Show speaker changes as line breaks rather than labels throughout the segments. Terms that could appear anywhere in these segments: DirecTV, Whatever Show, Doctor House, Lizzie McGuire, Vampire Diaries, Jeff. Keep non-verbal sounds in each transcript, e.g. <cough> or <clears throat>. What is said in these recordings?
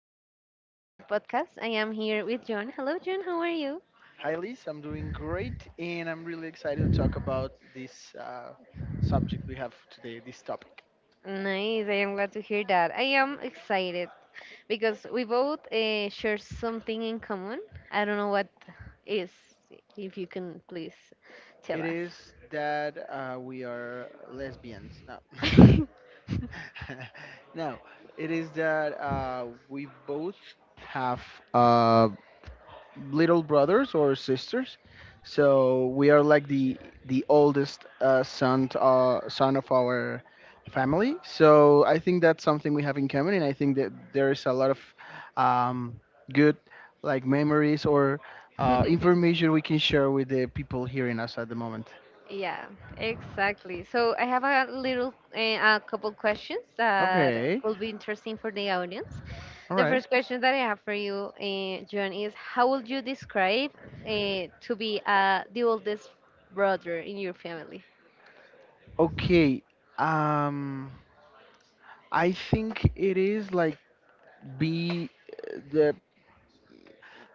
to our podcast. I am here with John. Hello, John. How are you?
Hi, Liz. I'm doing great, and I'm really excited to talk about this subject we have today, this topic.
Nice. I am glad to hear that. I am excited because we both share something in common. I don't know what is. If you can please tell
It
us.
is that we are lesbians. No, <laughs> no, it is that we both have. uh, little brothers or sisters. So we are like the oldest son to, son of our family. So I think that's something we have in common, and I think that there is a lot of um, good like memories or
<laughs>
information we can share with the people hearing us at the moment.
Yeah, exactly. So I have a little, a couple questions that
Okay,
will be interesting for the audience.
all
The
right.
first question that I have for you, John, is how would you describe to be the oldest brother in your family?
Okay, um, I think it is like be the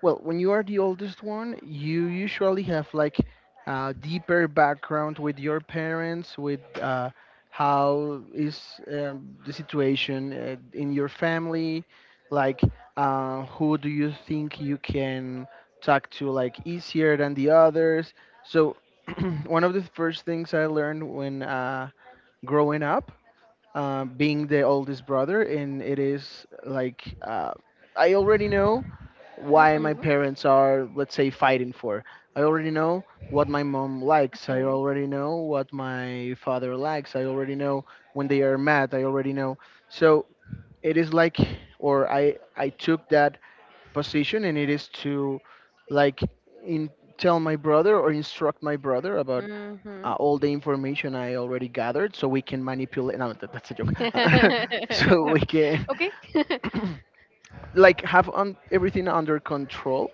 Well, when you are the oldest one, you usually have like a deeper background with your parents, with how is the situation in your family, like who do you think you can talk to like easier than the others. So <clears throat> one of the first things I learned when growing up being the oldest brother, and it is like I already know why my
Mm-hmm.
parents are, let's say, fighting for. I already know what my mom likes. I
Okay.
already know what my father likes. I already know when they are mad. I already know. So it is like, or I took that position, and it is to like in tell my brother or instruct my brother about
Mm-hmm.
all the information I already gathered, so we can manipulate. No, that's a joke. <laughs> so we can
<laughs> Okay. <laughs>
<coughs> <clears throat> like have on everything under control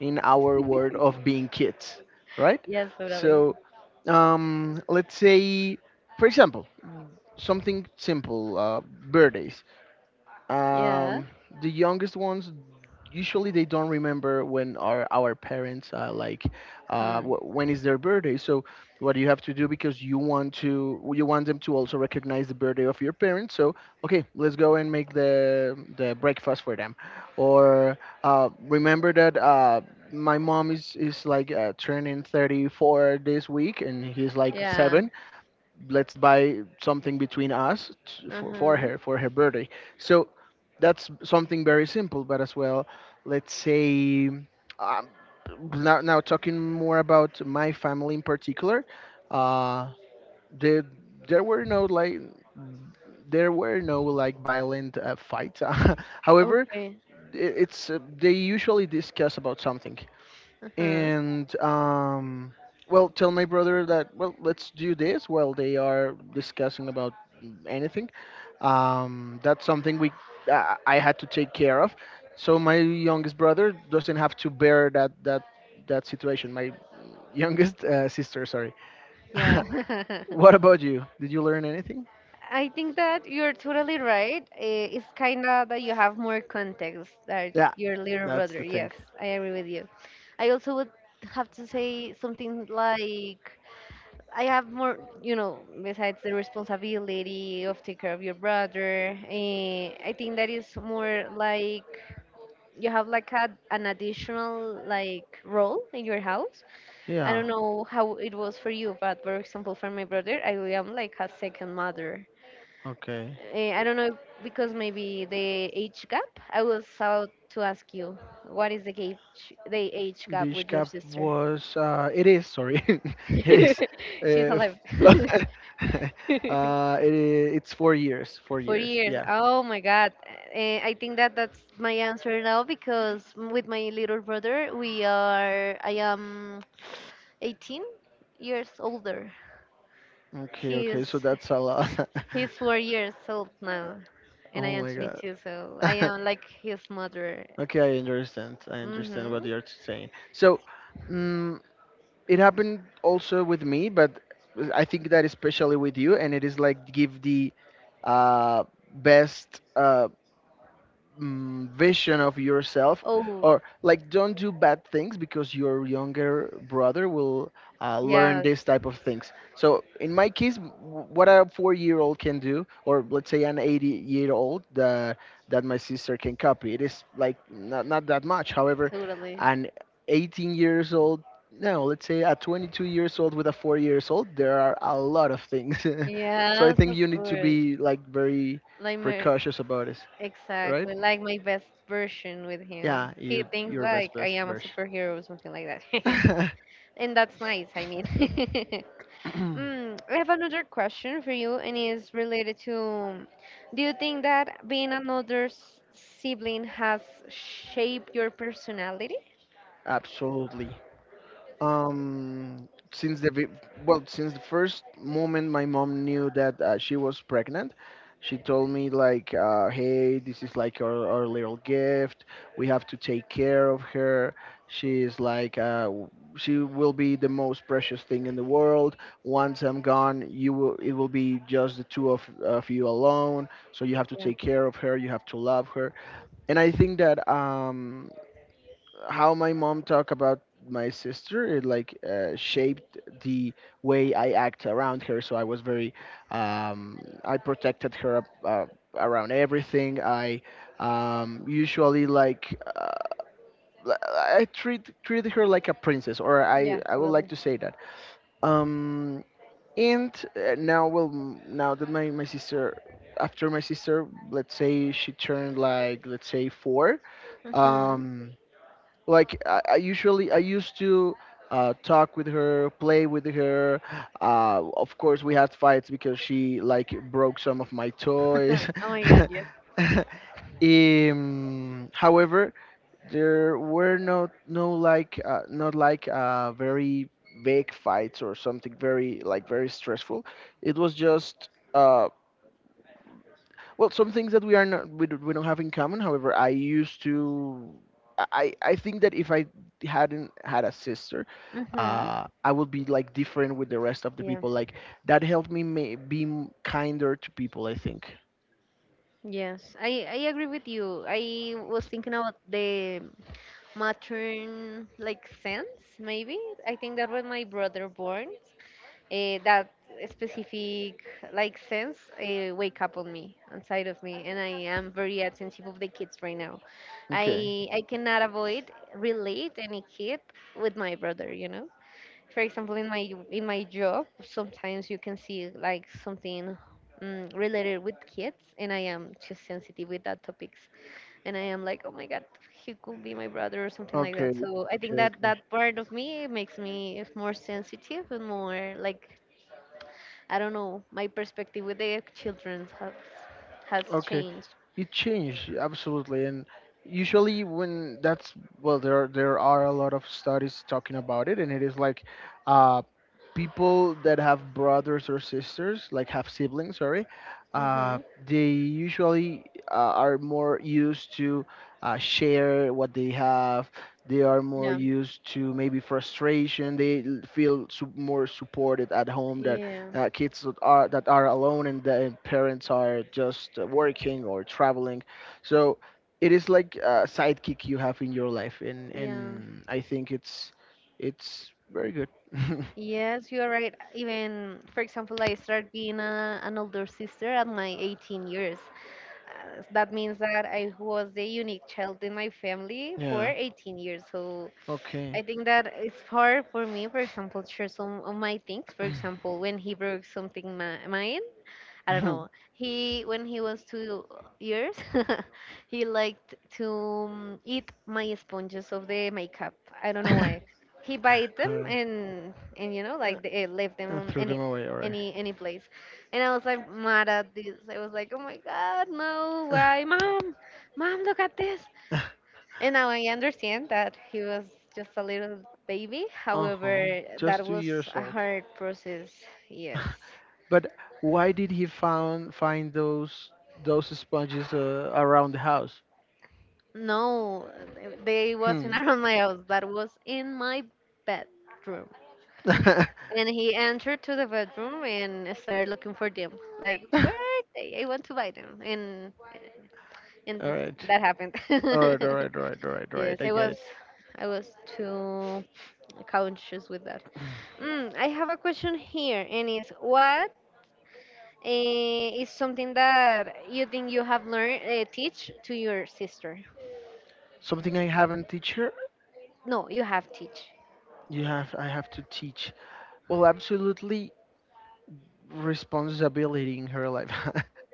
in our world of being kids, right?
Yes, totally.
So let's say, for example, something simple, birthdays.
Yeah.
Um, the youngest ones usually they don't remember when our parents like
Hmm.
when is their birthday. So what you have to do because you want them to also recognize the birthday of your parents. So okay, let's go and make the breakfast for them, or remember that. My mom is like turning 34 this week and he's like
Yeah.
seven, let's buy something between us for,
Uh-huh.
for her birthday, so that's something very simple but as well let's say um, now talking more about my family in particular uh there there were no like there were no like violent fights, <laughs> however
Okay.
it's they usually discuss about something
Uh-huh.
and well, tell my brother that well, let's do this while they are discussing about anything. That's something we I had to take care of, so my youngest brother doesn't have to bear that situation. My youngest sister, sorry. <laughs>
Yeah.
what
<laughs>
about you? Did you learn anything?
I think that you're totally right. It's kind of that you have more context that
Yeah,
your little
that's
brother.
the thing.
Yes, I agree with you. I also would have to say something like I have more, besides the responsibility of take care of your brother. I think that is more like you have like a, an additional like role in your house. I
Yeah.
don't know how it was for you, but for example, for my brother, I am like a second mother.
Okay.
I don't know if- because maybe the age gap. I was about to ask you, what is the age gap
This
with your
cap
sister?
was it is, sorry, <laughs> it is
<laughs> She's
uh, f-
alive.
<laughs>
<laughs>
uh, it is, it's 4 years, four
Four
years.
years.
Yeah.
Oh my God. I think that that's my answer now because with my little brother, we are. I am 18 years older.
Okay, okay.
He's
So that's a lot.
he's 4 years old now,
<laughs>
and I
oh
am
my
22. So I
god.
am
<laughs>
like his mother.
okay, I understand. I understand what
Hmm
you're saying. So, mm it happened also with me, but I think that especially with you, and it is like give the uh, best vision of yourself,
Oh,
or like don't do bad things because your younger brother will learn
yeah,
this type of things, so in my case what a 4 year old can do or let's say an 80-year-old that that my sister can copy it is like not that much, however
totally.
an 18 years old, no let's say a 22 years old with a 4 years old, there are a lot of things <laughs> so I
Yes,
think
of
you need to
course.
be like very
Like my,
precautious about it. Right,
exactly, like my best version with him.
yeah,
He
you
thinks
your best
like I
best
am a
version.
superhero or something like that. <laughs>
<clears throat>
And that's nice, I mean. <laughs> Mm, I have another question for you, and it's related to, do you think that being another sibling has shaped your personality?
<laughs> Absolutely. Um, since well, since the first moment my mom knew that she was pregnant, she told me like, "Hey, this is like our little gift. We have to take care of her. She is like, she will be the most precious thing in the world. Once I'm gone, you will, it will be just the two of you alone. So you have to
Yeah,
take care of her. You have to love her." And I think that how my mom talked about my sister it like shaped the way I act around her. So I was very I protected her up, around everything. I usually like I treated her like a princess, or
yeah,
I would like
Totally.
to say that. Um, and now well now that my sister after my sister let's say she turned like let's say four.
Hmm
Um, like I used to talk with her, play with her. Of course, we had fights because she like broke some of my toys.
<laughs> Oh my God, yes.
<laughs> However, there were no like not like very big fights or something very like very stressful. It was just. Well, some things that we are not we, do- we don't have in common. However, I used to I think that if I hadn't had a sister,
Mm-hmm.
I would be like different with the rest of the
Yeah.
people. Like that helped me be kinder to people. I think.
Yes, I agree with you. I was thinking about the matern like sense, maybe. I think that when my brother born, that specific like sense wake up on me, inside of me, and I am very attentive of the kids right now.
Okay.
I cannot avoid relate any kid with my brother, you know, for example, in my job sometimes you can see like something, mm, related with kids, and I am too sensitive with that topics, and I am like oh my god, he could be my brother or something like that.
Okay.
So I think
Okay.
that that part of me makes me more sensitive and more like, I don't know, my perspective with the children has
Okay,
changed.
it changed absolutely, and usually when that's well, there are a lot of studies talking about it, and it is like, uh, people that have brothers or sisters, like have siblings, sorry, uh,
Hmm
they usually are more used to share what they have. They are more
yeah
used to maybe frustration. They feel more supported at home,
yeah
kids that are alone and the parents are just working or traveling, so it is like a sidekick you have in your life,
yeah
and I think it's very good. <laughs>
Yes, you are right. Even, for example, I started being a, an older sister at my 18 years. That means that I was the unique child in my family for
Yeah,
18 years. So I
okay.
think that it's hard for me, for example, to share some of my things. For example, when he broke something mine, I
<laughs>
don't
All
know. He when he was 2 years, <laughs> he liked to eat my sponges of the makeup. I don't know why. He bite them,
right,
and you know
uh,
like they left them
I
on
threw them
any
away, all right.
any place. And I was like mad at this. I was like, oh my god, no, why, mom,
<laughs>
mom, look at this. And now I understand that he was just a little baby.
Uh-huh,
However, that
just two
was
years
a
old,
hard process. Yes.
but why did he found find those sponges around the house?
No, they
Hmm.
wasn't around my house. That was in my bedroom.
<laughs> All
And he entered to the bedroom and started looking for them. Like, where are they? I want to buy them.
right.
And
All right.
that happened.
All right. All
<laughs>
right. All right. All right.
Yes,
I get it.
I was too conscious with that. Mm, I have a question here, and it's what is something that you think you have learned teach to your sister?
Something I haven't teach her.
No, you have teach.
You have. I have to teach. Well, absolutely responsibility in her life.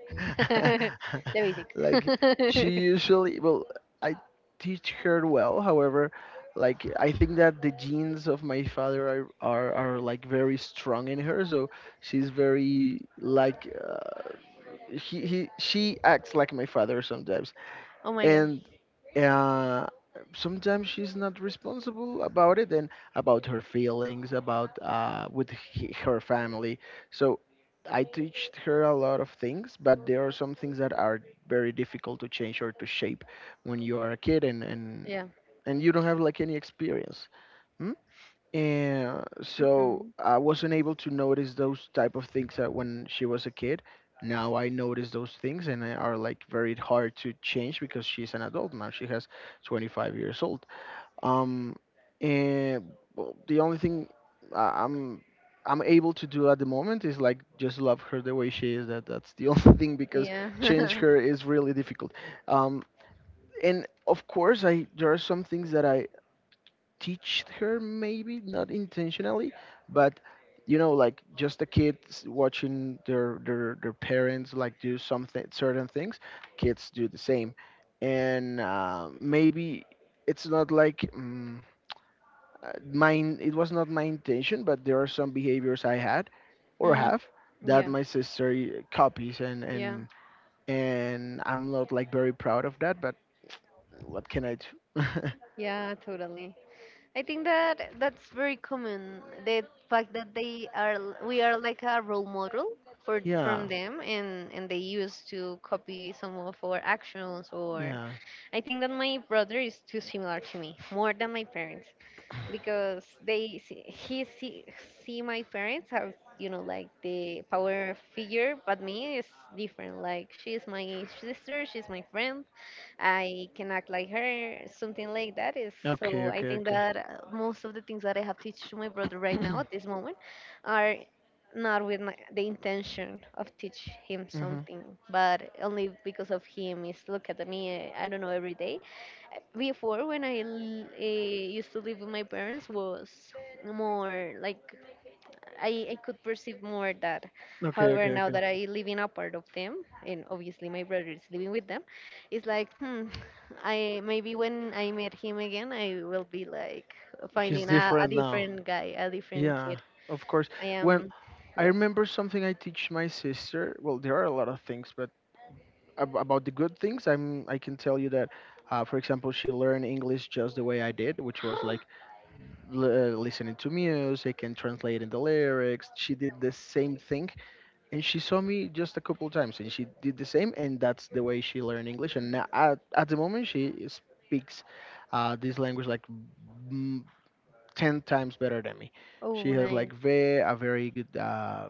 <laughs>
<laughs>
The basic.
like she
<laughs>
usually. Well, I teach her well. However, like I think that the genes of my father are like very strong in her. So she's very like. He she acts like my father sometimes
oh my god.
and uh sometimes she's not responsible about it, and about her feelings about with her family, so I teach her a lot of things, but there are some things that are very difficult to change or to shape when you are a kid and and
Yeah.
and you don't have like any experience. Hmm? And so
hmm
I wasn't able to notice those type of things that when she was a kid. Now I notice those things and they are like very hard to change because she's an adult now. She has 25 years old. Um, and well, the only thing I- I'm I'm able to do at the moment is like just love her the way she is. That that's the <laughs> only thing because
Yeah.
change
<laughs>
her is really difficult. Um, and of course I there are some things that I teach her maybe not intentionally, but you know like just the kids watching their parents like do something certain things, kids do the same. And maybe it's not like mine it was not my intention, but there are some behaviors I had or
mm,
have that
yeah.
my sister copies, and
Yeah.
and and I'm not like very proud of that, but what can I do?
Yeah. Totally. I think that that's very common. The fact that they are, we are like a role model for
<laughs>
from
Yeah,
them, and they used to copy some of our actions. Or
yeah.
I think that my brother is too similar to me, more than my parents. Because they see, see my parents as you know like the power figure, but me is different. Like she's my sister, she's my friend, I can act like her, something like that is. So
Okay,
I
okay,
think
okay.
that most of the things that I have teach to my brother right now at this moment are not with the intention of teach him
Mhm.
something, but only because of him is look at me. I don't know, every day before when I used to live with my parents was more like I could perceive more that.
Okay,
However,
okay,
now
okay.
that I live in a part of them, and obviously my brother is living with them, it's like hmm, I maybe when I meet him again, I will be like
He's
finding a
different now.
different guy, a different
Yeah,
kid.
of course.
I
Well,
am,
I
yes.
remember something I teach my sister. Well, there are a lot of things, but about the good things, I can tell you that, for example, she learned English just the way I did, which was like
<gasps>
listening to music and translating the lyrics. She did the same thing and she saw me just a couple times and she did the same, and that's the way she learned English, and now at the moment she speaks this language like mm, 10 times better than me. She
Oh,
has
nice.
like ve a very good uh,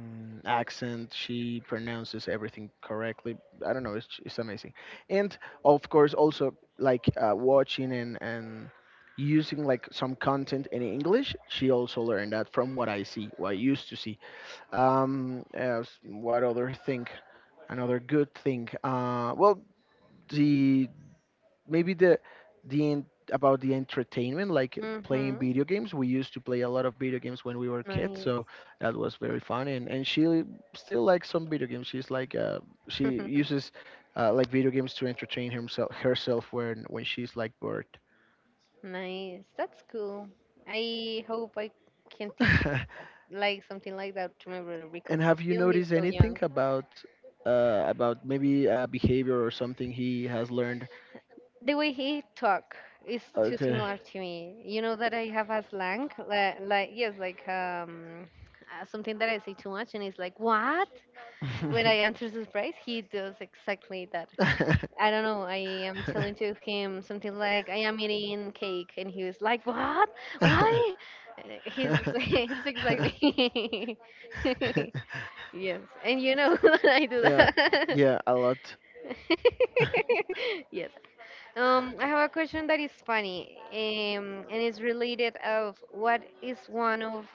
mm, accent, she pronounces everything correctly. I don't know, it's amazing. And of course also like watching and using like some content in English, she also learned that from what I see, what I used to see. As what other thing? Another good thing. Well, the maybe the en- about the entertainment, like playing
Mm
video games. We used to play a lot of video games when we were kids,
Mhm.
so that was very fun. And she still likes some video games. She's like she
Nice. <laughs>
uses like video games to entertain herself when she's like bored.
Nice. That's cool. I hope I can teach
<laughs>
like something like that to my brother because
And have you
still he's
noticed
so
anything
young.
about maybe behavior or something he has learned.
The way he talk is too
Okay.
similar to me. You know that I have a slang, like yes, like something that I say too much, and it's like what? When I
<laughs>
answer surprise, he does exactly that. I don't know. I am telling to him something like I am eating cake, and he was like, "What? Why?" He's <laughs> he's six like me. <laughs> Yes, and you know <laughs> that I do
Yeah,
that.
yeah, a lot.
<laughs> Yes. I have a question that is funny, and it's related of what is one of,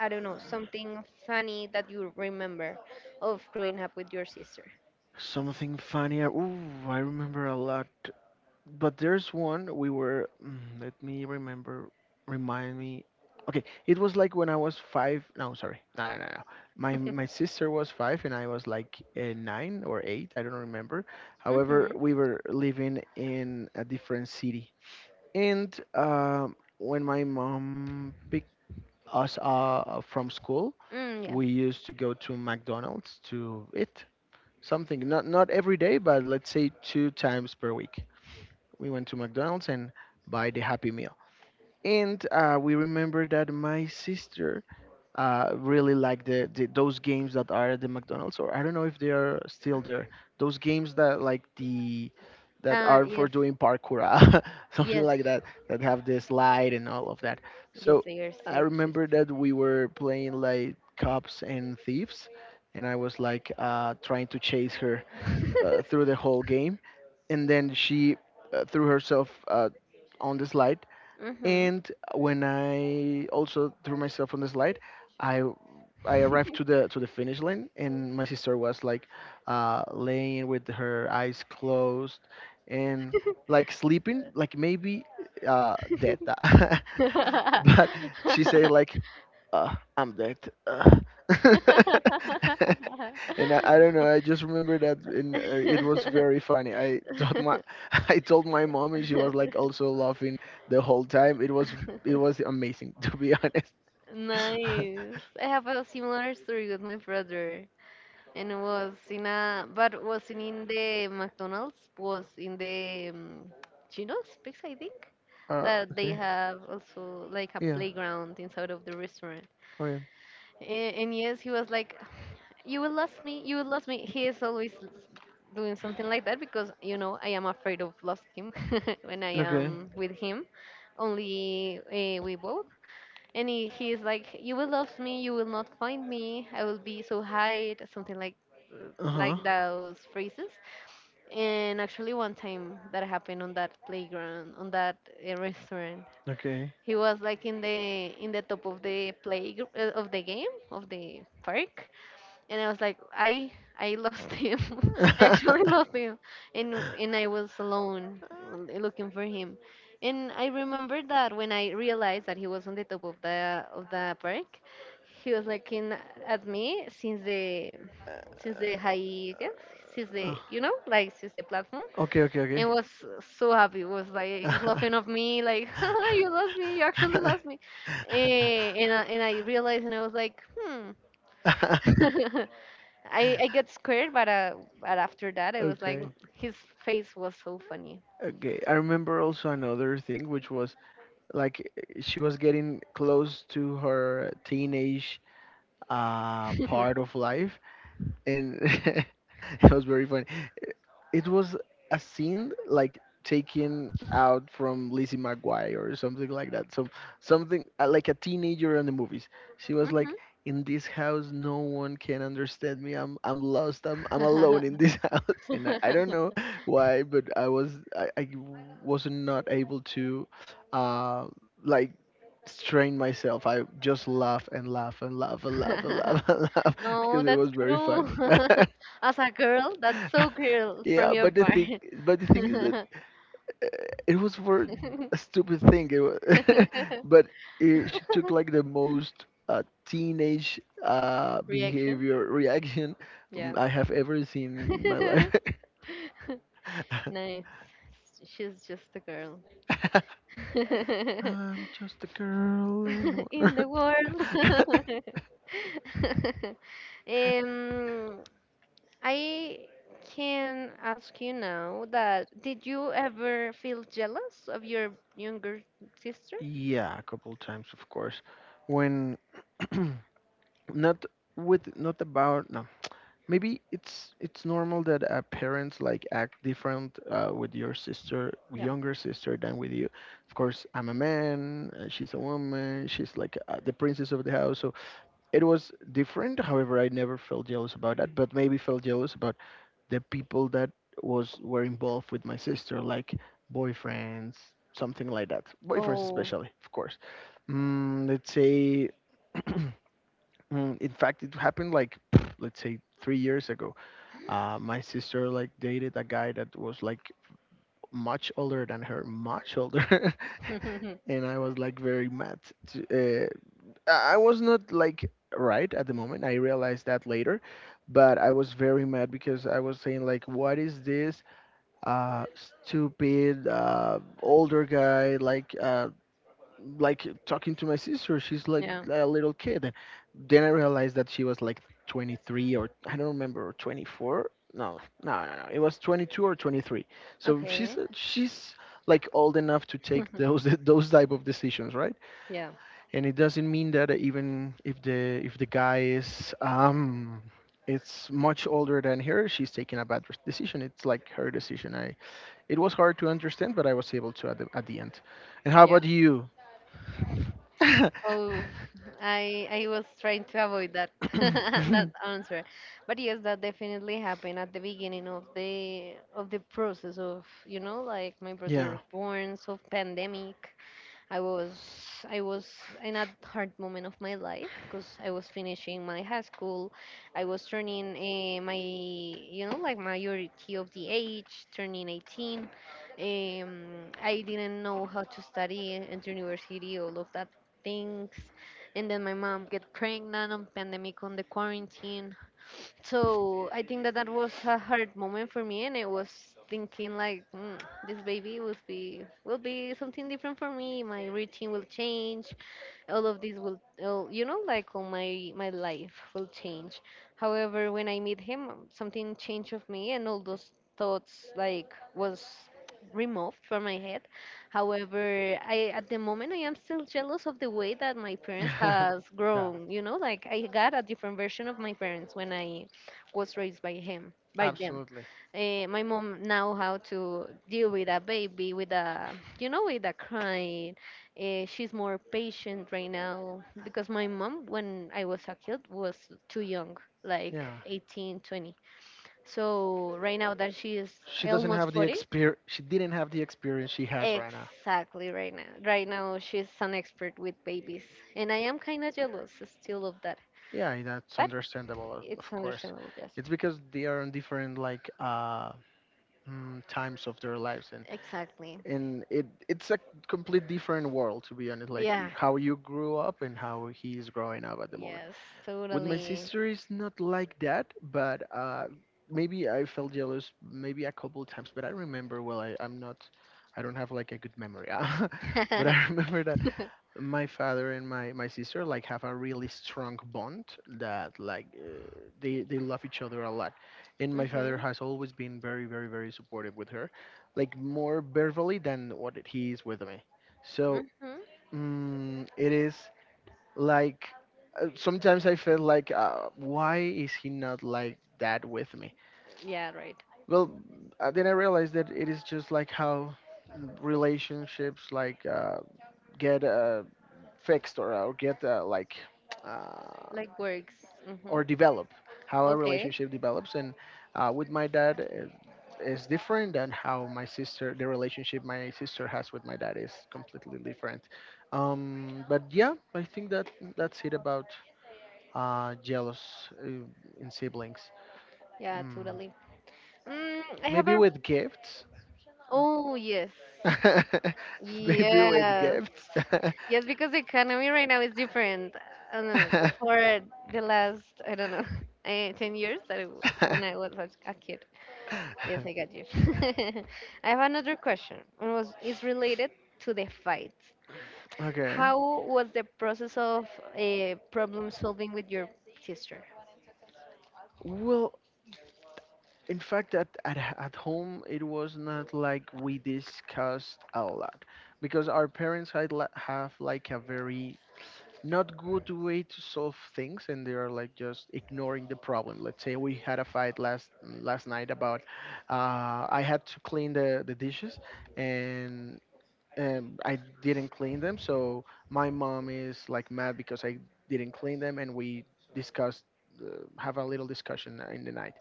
I don't know, something funny that you remember of growing up with your sister.
Something funnier. Ooh, I remember a lot. But there's one we were. Mm, Let me remember. Remind me. Okay, it was like when I was five. No, sorry. No, no, no, no. My
<laughs>
sister was five and I was like nine or eight. I don't remember.
hmm
However, we were living in a different city, and when my mom picked us from school,
Mm,
we used to go to McDonald's to eat something. Not every day, but let's say two times per week we went to McDonald's and buy the Happy Meal. And we remember that my sister really liked the those games that are at the McDonald's, or I don't know if they are still there. Those games that like the that
yeah.
are for
Yes.
doing parkour, <laughs> something
Yes.
like that, that have the slide and all of that.
Yes,
So
they are
I
silk.
remember that we were playing like cops and thieves, and I was like trying to chase her
<laughs>
through the whole game, and then she threw herself on the slide.
Mm-hmm.
And when I also threw myself on the slide, I I arrived to the finish line, and my sister was like laying with her eyes closed and like sleeping, like maybe dead. <laughs> But she
<laughs>
said like I'm dead. Uh. <laughs> and I don't know. I just remember that, and it was very funny. I told my <laughs> I told my mom, and she was like also laughing the whole time. It was amazing <laughs> to be honest. <laughs>
Nice. I have a similar story with my brother, and it was in a, but wasn't in the McDonald's, was in the Chino's Pizza, I think, that they
Okay.
have also like a
Yeah.
playground inside of the restaurant.
Okay.
And yes, he was like, you will lose me. You will lose me. He is always doing something like that because you know I am afraid of lost him <laughs> when I
Okay.
am with him. Only we both, and he is like, "You will lose me. You will not find me. I will be so high." Something
Uh huh.
like those phrases. And actually, one time that happened on that playground, on that restaurant,
Okay.
he was like in the top of the play of the game of the park, and I was like, I lost <laughs> him. I actually lost him, and I was alone
<laughs>
looking for him. And I remember that when I realized that he was on the top of the park, he was looking at me since the high since
Uh,
the you know like since the platform,
okay, okay, okay.
and was so happy, was like laughing of me like <laughs> you lost me, you actually
<laughs>
lost me. And and I realized and I was like hmm <laughs> I get scared, but after that, I was like,
Okay,
his face was so funny.
okay. I remember also another thing, which was like she was getting close to her teenage
<laughs> hmm
part of life, and <laughs> it was very funny. It was a scene like taken out from Lizzie McGuire or something like that. So something like a teenager in the movies. She was like, "In this house, no one can understand me. I'm lost. I'm alone in this <laughs> house." And I don't know
<laughs>
why, but I was not able to, uh, like strain myself. I just laugh and laugh and laugh and laugh and laugh <laughs> and laugh
oh,
because it
that's
was very
cruel.
funny.
<laughs> As a girl, that's so
<laughs>
cruel from
Yeah,
your
but
part.
the thing is that
<laughs>
it was for a stupid thing. It was, <laughs> but it, she took like the most teenage
Reaction?
behavior reaction
Yeah.
I have ever seen in my life.
<laughs> Nice. She's just a girl.
<laughs>
<laughs>
I'm just a girl
In the world.
<laughs>
<laughs> Um, I can ask you now that did you ever feel jealous of your younger sister?
yeah, a couple times, of course. When <clears throat> not not about no. Maybe it's normal that parents like act different with your sister
Yeah.
younger sister than with you. Of course I'm a man, she's a woman, she's like the princess of the house, so it was different. However, I never felt jealous about that, but maybe felt jealous about the people that was were involved with my sister, like boyfriends, something like that. Boyfriends
Oh.
especially, of course. Let's say in fact it happened like <sniffs> let's say 3 years ago. My sister like dated a guy that was like much older than her, much older, <laughs>
<laughs>
and I was like very mad. To, I was not like right at the moment. I realized that later, but I was very mad because I was saying like, what is this uh, stupid older guy like talking to my sister? She's like
Yeah.
a little kid. Then I realized that she was like 23, or I don't remember, or 24. No no no, no. It was 22 or 23, so
Okay.
she's like old enough to take
<laughs>
those <laughs> those type of decisions, right?
Yeah.
And it doesn't mean that even if the guy is it's much older than her, she's taking a bad decision. It's like her decision. I It was hard to understand, but I was able to at at the end. And how about you? <laughs>
Oh, I was trying to avoid that <laughs> that
<laughs>
answer, but yes, that definitely happened at the beginning of the process of you know like my
Yeah.
brother born, so pandemic, I was I was in a hard moment of my life because I was finishing my high school. I was turning my you know like majority of the age, turning 18. Um, I didn't know how to study at university, all of that things. And then my mom get pregnant on pandemic on the quarantine. So I think that that was a hard moment for me, and I was thinking like, mm, this baby will be something different for me. My routine will change, all of this will you know, like, all my life will change. However, when I meet him, something changed of me and all those thoughts like was removed from my head. However, I, at the moment, I am still jealous of the way that my parents
<laughs>
has
Yeah,
grown, you know, like I got a different version of my parents when I was raised by him by them.
absolutely.
My mom now how to deal with a baby, with a, you know, with a cry. She's more patient right now because my mom, when I was a kid, was too young, like
Yeah,
18, 20. So right now that she is
she doesn't
almost
have the
40,
experience. She didn't have the experience she has right now.
exactly. Right now, right now she's an expert with babies, and I am kind of jealous still of that,
Yeah, that's
but
understandable,
it's
of course.
understandable. Yes,
It's because they are on different like times of their lives, and
exactly.
it it's a complete different world to be honest. Like
Yeah.
how you grew up and how he is growing up at the moment.
Yes,
With my
totally.
sister, it's not like that, but maybe I felt jealous maybe a couple of times. But I remember well, I'm not, I don't have like a good memory.
<laughs>
<laughs> But
Mhm.
I remember that my father and my sister like have a really strong bond, that they love each other a lot, and my father has always been very very very supportive with her, like more verbally than what he is with me. So
Mhm.
it is like sometimes I felt like why is he not like that with me?
Yeah. Right.
Well, then I realized that it is just like how relationships get fixed, or get uh,
Like works.
or
Mhm.
develop. How a
Okay.
relationship develops, and with my dad is different than how my sister the relationship my sister has with my dad is completely different. But yeah, I think that that's it about jealous uh, in siblings.
Yeah,
Mm.
totally. Mm, I have
Maybe
a.
with gifts.
Oh, yes.
<laughs> Maybe with
Yes.
gifts.
Yes, because the economy right now is different. I don't know, for
<laughs>
the last, I don't know, <laughs> 10 years that I w when I was a kid. Yes, I got you. <laughs> I have another question. It was, it's related to the fight.
Okay.
How was the process of problem solving with your sister?
Well, in fact, at home, it was not like we discussed a lot because our parents had have like a very not good way to solve things, and they are like just ignoring the problem. Let's say we had a fight last night about I had to clean the dishes, and I didn't clean them, so my mom is like mad because I didn't clean them, and we discussed uh, have a little discussion in the night.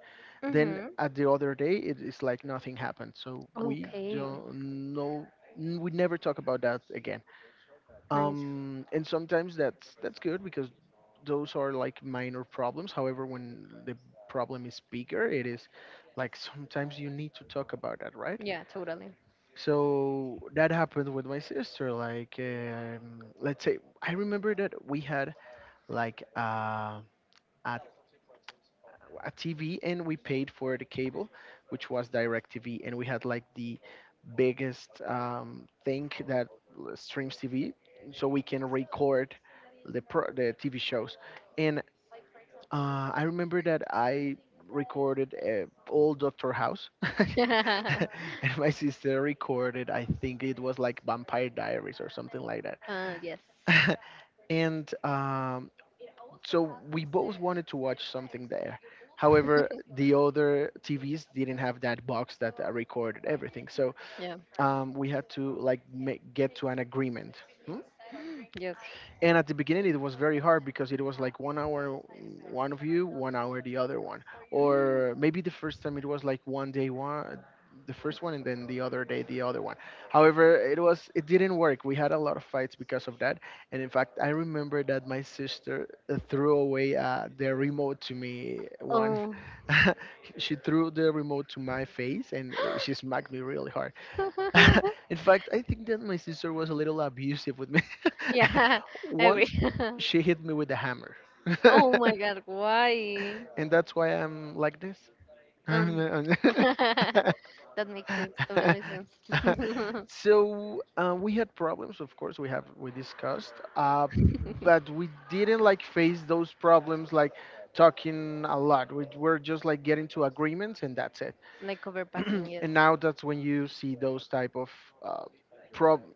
Then
Mm-hmm.
at the other day it is like nothing happened, so we
Okay,
don't know, we never talk about that again.
nice.
And sometimes that's good because those are like minor problems. However, when the problem is bigger, it is like sometimes you need to talk about that, right?
Yeah, totally.
So that happened with my sister like. Let's say I remember that we had like a a TV, and we paid for the cable, which was DirecTV, and we had like the biggest thing that streams TV, so we can record the TV shows. And I remember that I recorded all Doctor House. <laughs> <laughs>
<laughs>
And my sister recorded, I think it was like Vampire Diaries or something like
Yes.
that. <laughs> And so we both wanted to watch something there. However, the other TVs didn't have that box that recorded everything, so
Yeah.
we had to like get to an agreement. Hmm?
Yes.
And at the beginning it was very hard because it was like 1 hour one of you, 1 hour the other one. Or maybe the first time it was like one day one, the first one, and then the other day the other one. However, it was it didn't work, we had a lot of fights because of that. And in fact I remember that my sister threw away the remote to me one
Oh.
<laughs> she threw the remote to my face, and she smacked me really hard. <laughs>
<laughs>
In fact, I think that my sister was a little abusive with me.
Yeah.
<laughs>
I agree.
Once
<laughs>
she hit me with a hammer. <laughs>
Oh my God. Why?
And that's why I'm like this.
Um. <laughs>
<laughs>
That makes sense. Totally sense.
So we had problems, of course. We discussed, but
<laughs>
we didn't like face those problems like talking a lot. We were just like getting to agreements, and that's it.
Like
<clears throat>
overpassing. Yes.
And now that's when you see those type of uh, problem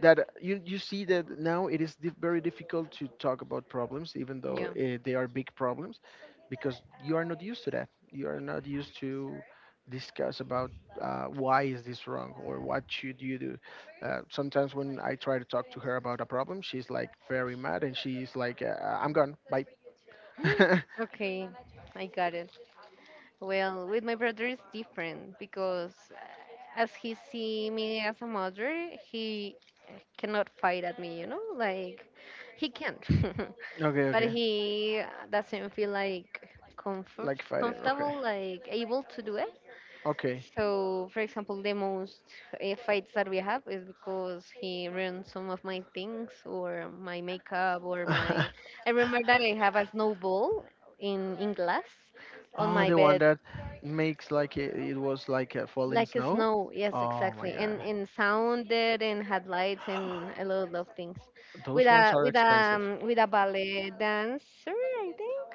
that you see that now it is very difficult to talk about problems even though
Yeah.
they are big problems, because you are not used to that, you are not used to discuss about why is this wrong, or what should you do. Sometimes when I try to talk to her about a problem, she's like very mad and she's like I'm gone, bye. <laughs>
<gasps> Okay, I got it. Well, with my brother it's different because, as he see me as a mother, he cannot fight at me, you know? Like he can't.
Okay,
<laughs> But
okay.
he doesn't feel like
Like fighting, okay.
comfortable, like, able to do it.
Okay.
So, for example, the most fights that we have is because he ruined some of my things or my makeup or my,
<laughs>
I remember that I have a snowball in glass on
Oh,
my
the one
bed,
that makes like it was like a falling
like a
snow.
snow, yes,
Oh my
exactly,
god,
and sounded and had lights and a
<gasps>
lot of things, with
those ones
a
are
with a
expensive.
with a ballet dancer, I think,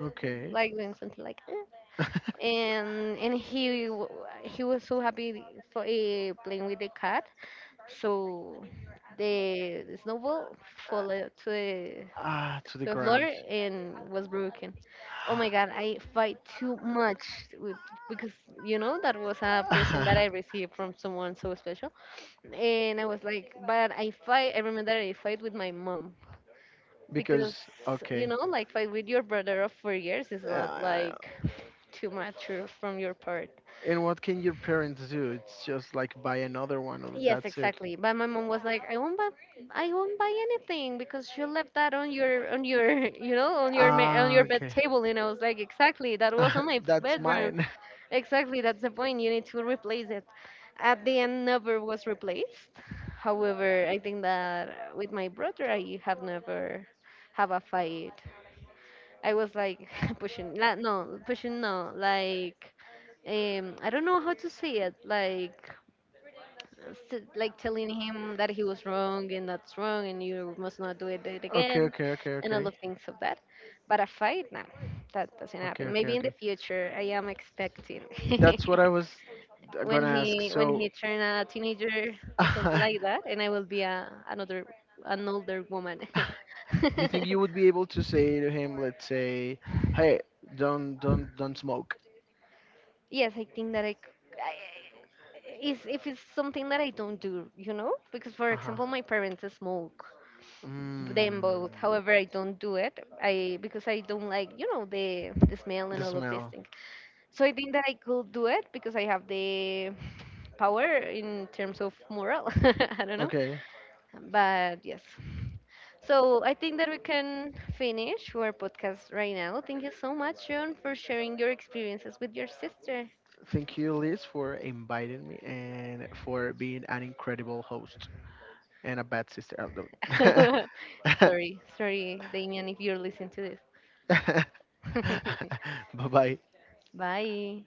Okay.
like doing something like that.
<laughs>
And he was so happy for playing with the cat. So the snowball fell out
Ah, to the
to the floor
ground.
and was broken. Oh my god, I fight too much
<sighs>
with, because, you know, that was a present that I received
<laughs>
from someone so special. And I was like, but I fight. I remember I fight with my mom because,
Because
you
okay.
know, like fight with your brother of 4 years is not
Uh,
like too mature from your part.
and what can your parents do? It's just like buy another one, or
Yes,
that's it.
exactly. But my mom was like, I won't buy anything because you left that on your, <laughs> you know, on your, on
Ah,
your bed
okay.
table. And I was like, exactly, that was on my
<laughs> That's
bedroom.
mine. <laughs>
Exactly, that's the point. You need to replace it. At the end, never was replaced. However, I think that with my brother, I have never have a fight. I was like <laughs> pushing, no, like, I don't know how to say it, like s- like telling him that he was wrong and that's wrong and you must not do it, do it
Okay,
again,
okay, okay,
and all
okay.
of things of that. But a fight, no, that doesn't
Okay,
happen.
okay,
Maybe in the
okay.
future I am expecting.
That's what
<laughs>
I was
When
gonna ask.
he when
So,
he turn a teenager or something like
<laughs>
that, and I will be a another an older woman. <laughs>
you think you would be able to say to him, let's say, "Hey, don't smoke."
Yes, I think that I is, if it's something that I don't do, you know, because for
Uh huh.
example my parents smoke, them both.
Mm,
However, I don't do it. I, because I don't like, you know, the smell and
the
all of these
smell.
things. So I think that I could do it because I have the power in terms of moral. <laughs> I don't know,
Okay.
but yes. So I think that we can finish our podcast right now. Thank you so much, John, for sharing your experiences with your sister.
Thank you, Liz, for inviting me and for being an incredible host and a bad sister. Oh,
<laughs>
no.
Sorry,
<laughs>
sorry, Damian, if you're listening to
<laughs>
this.
Bye bye.
<laughs> Bye.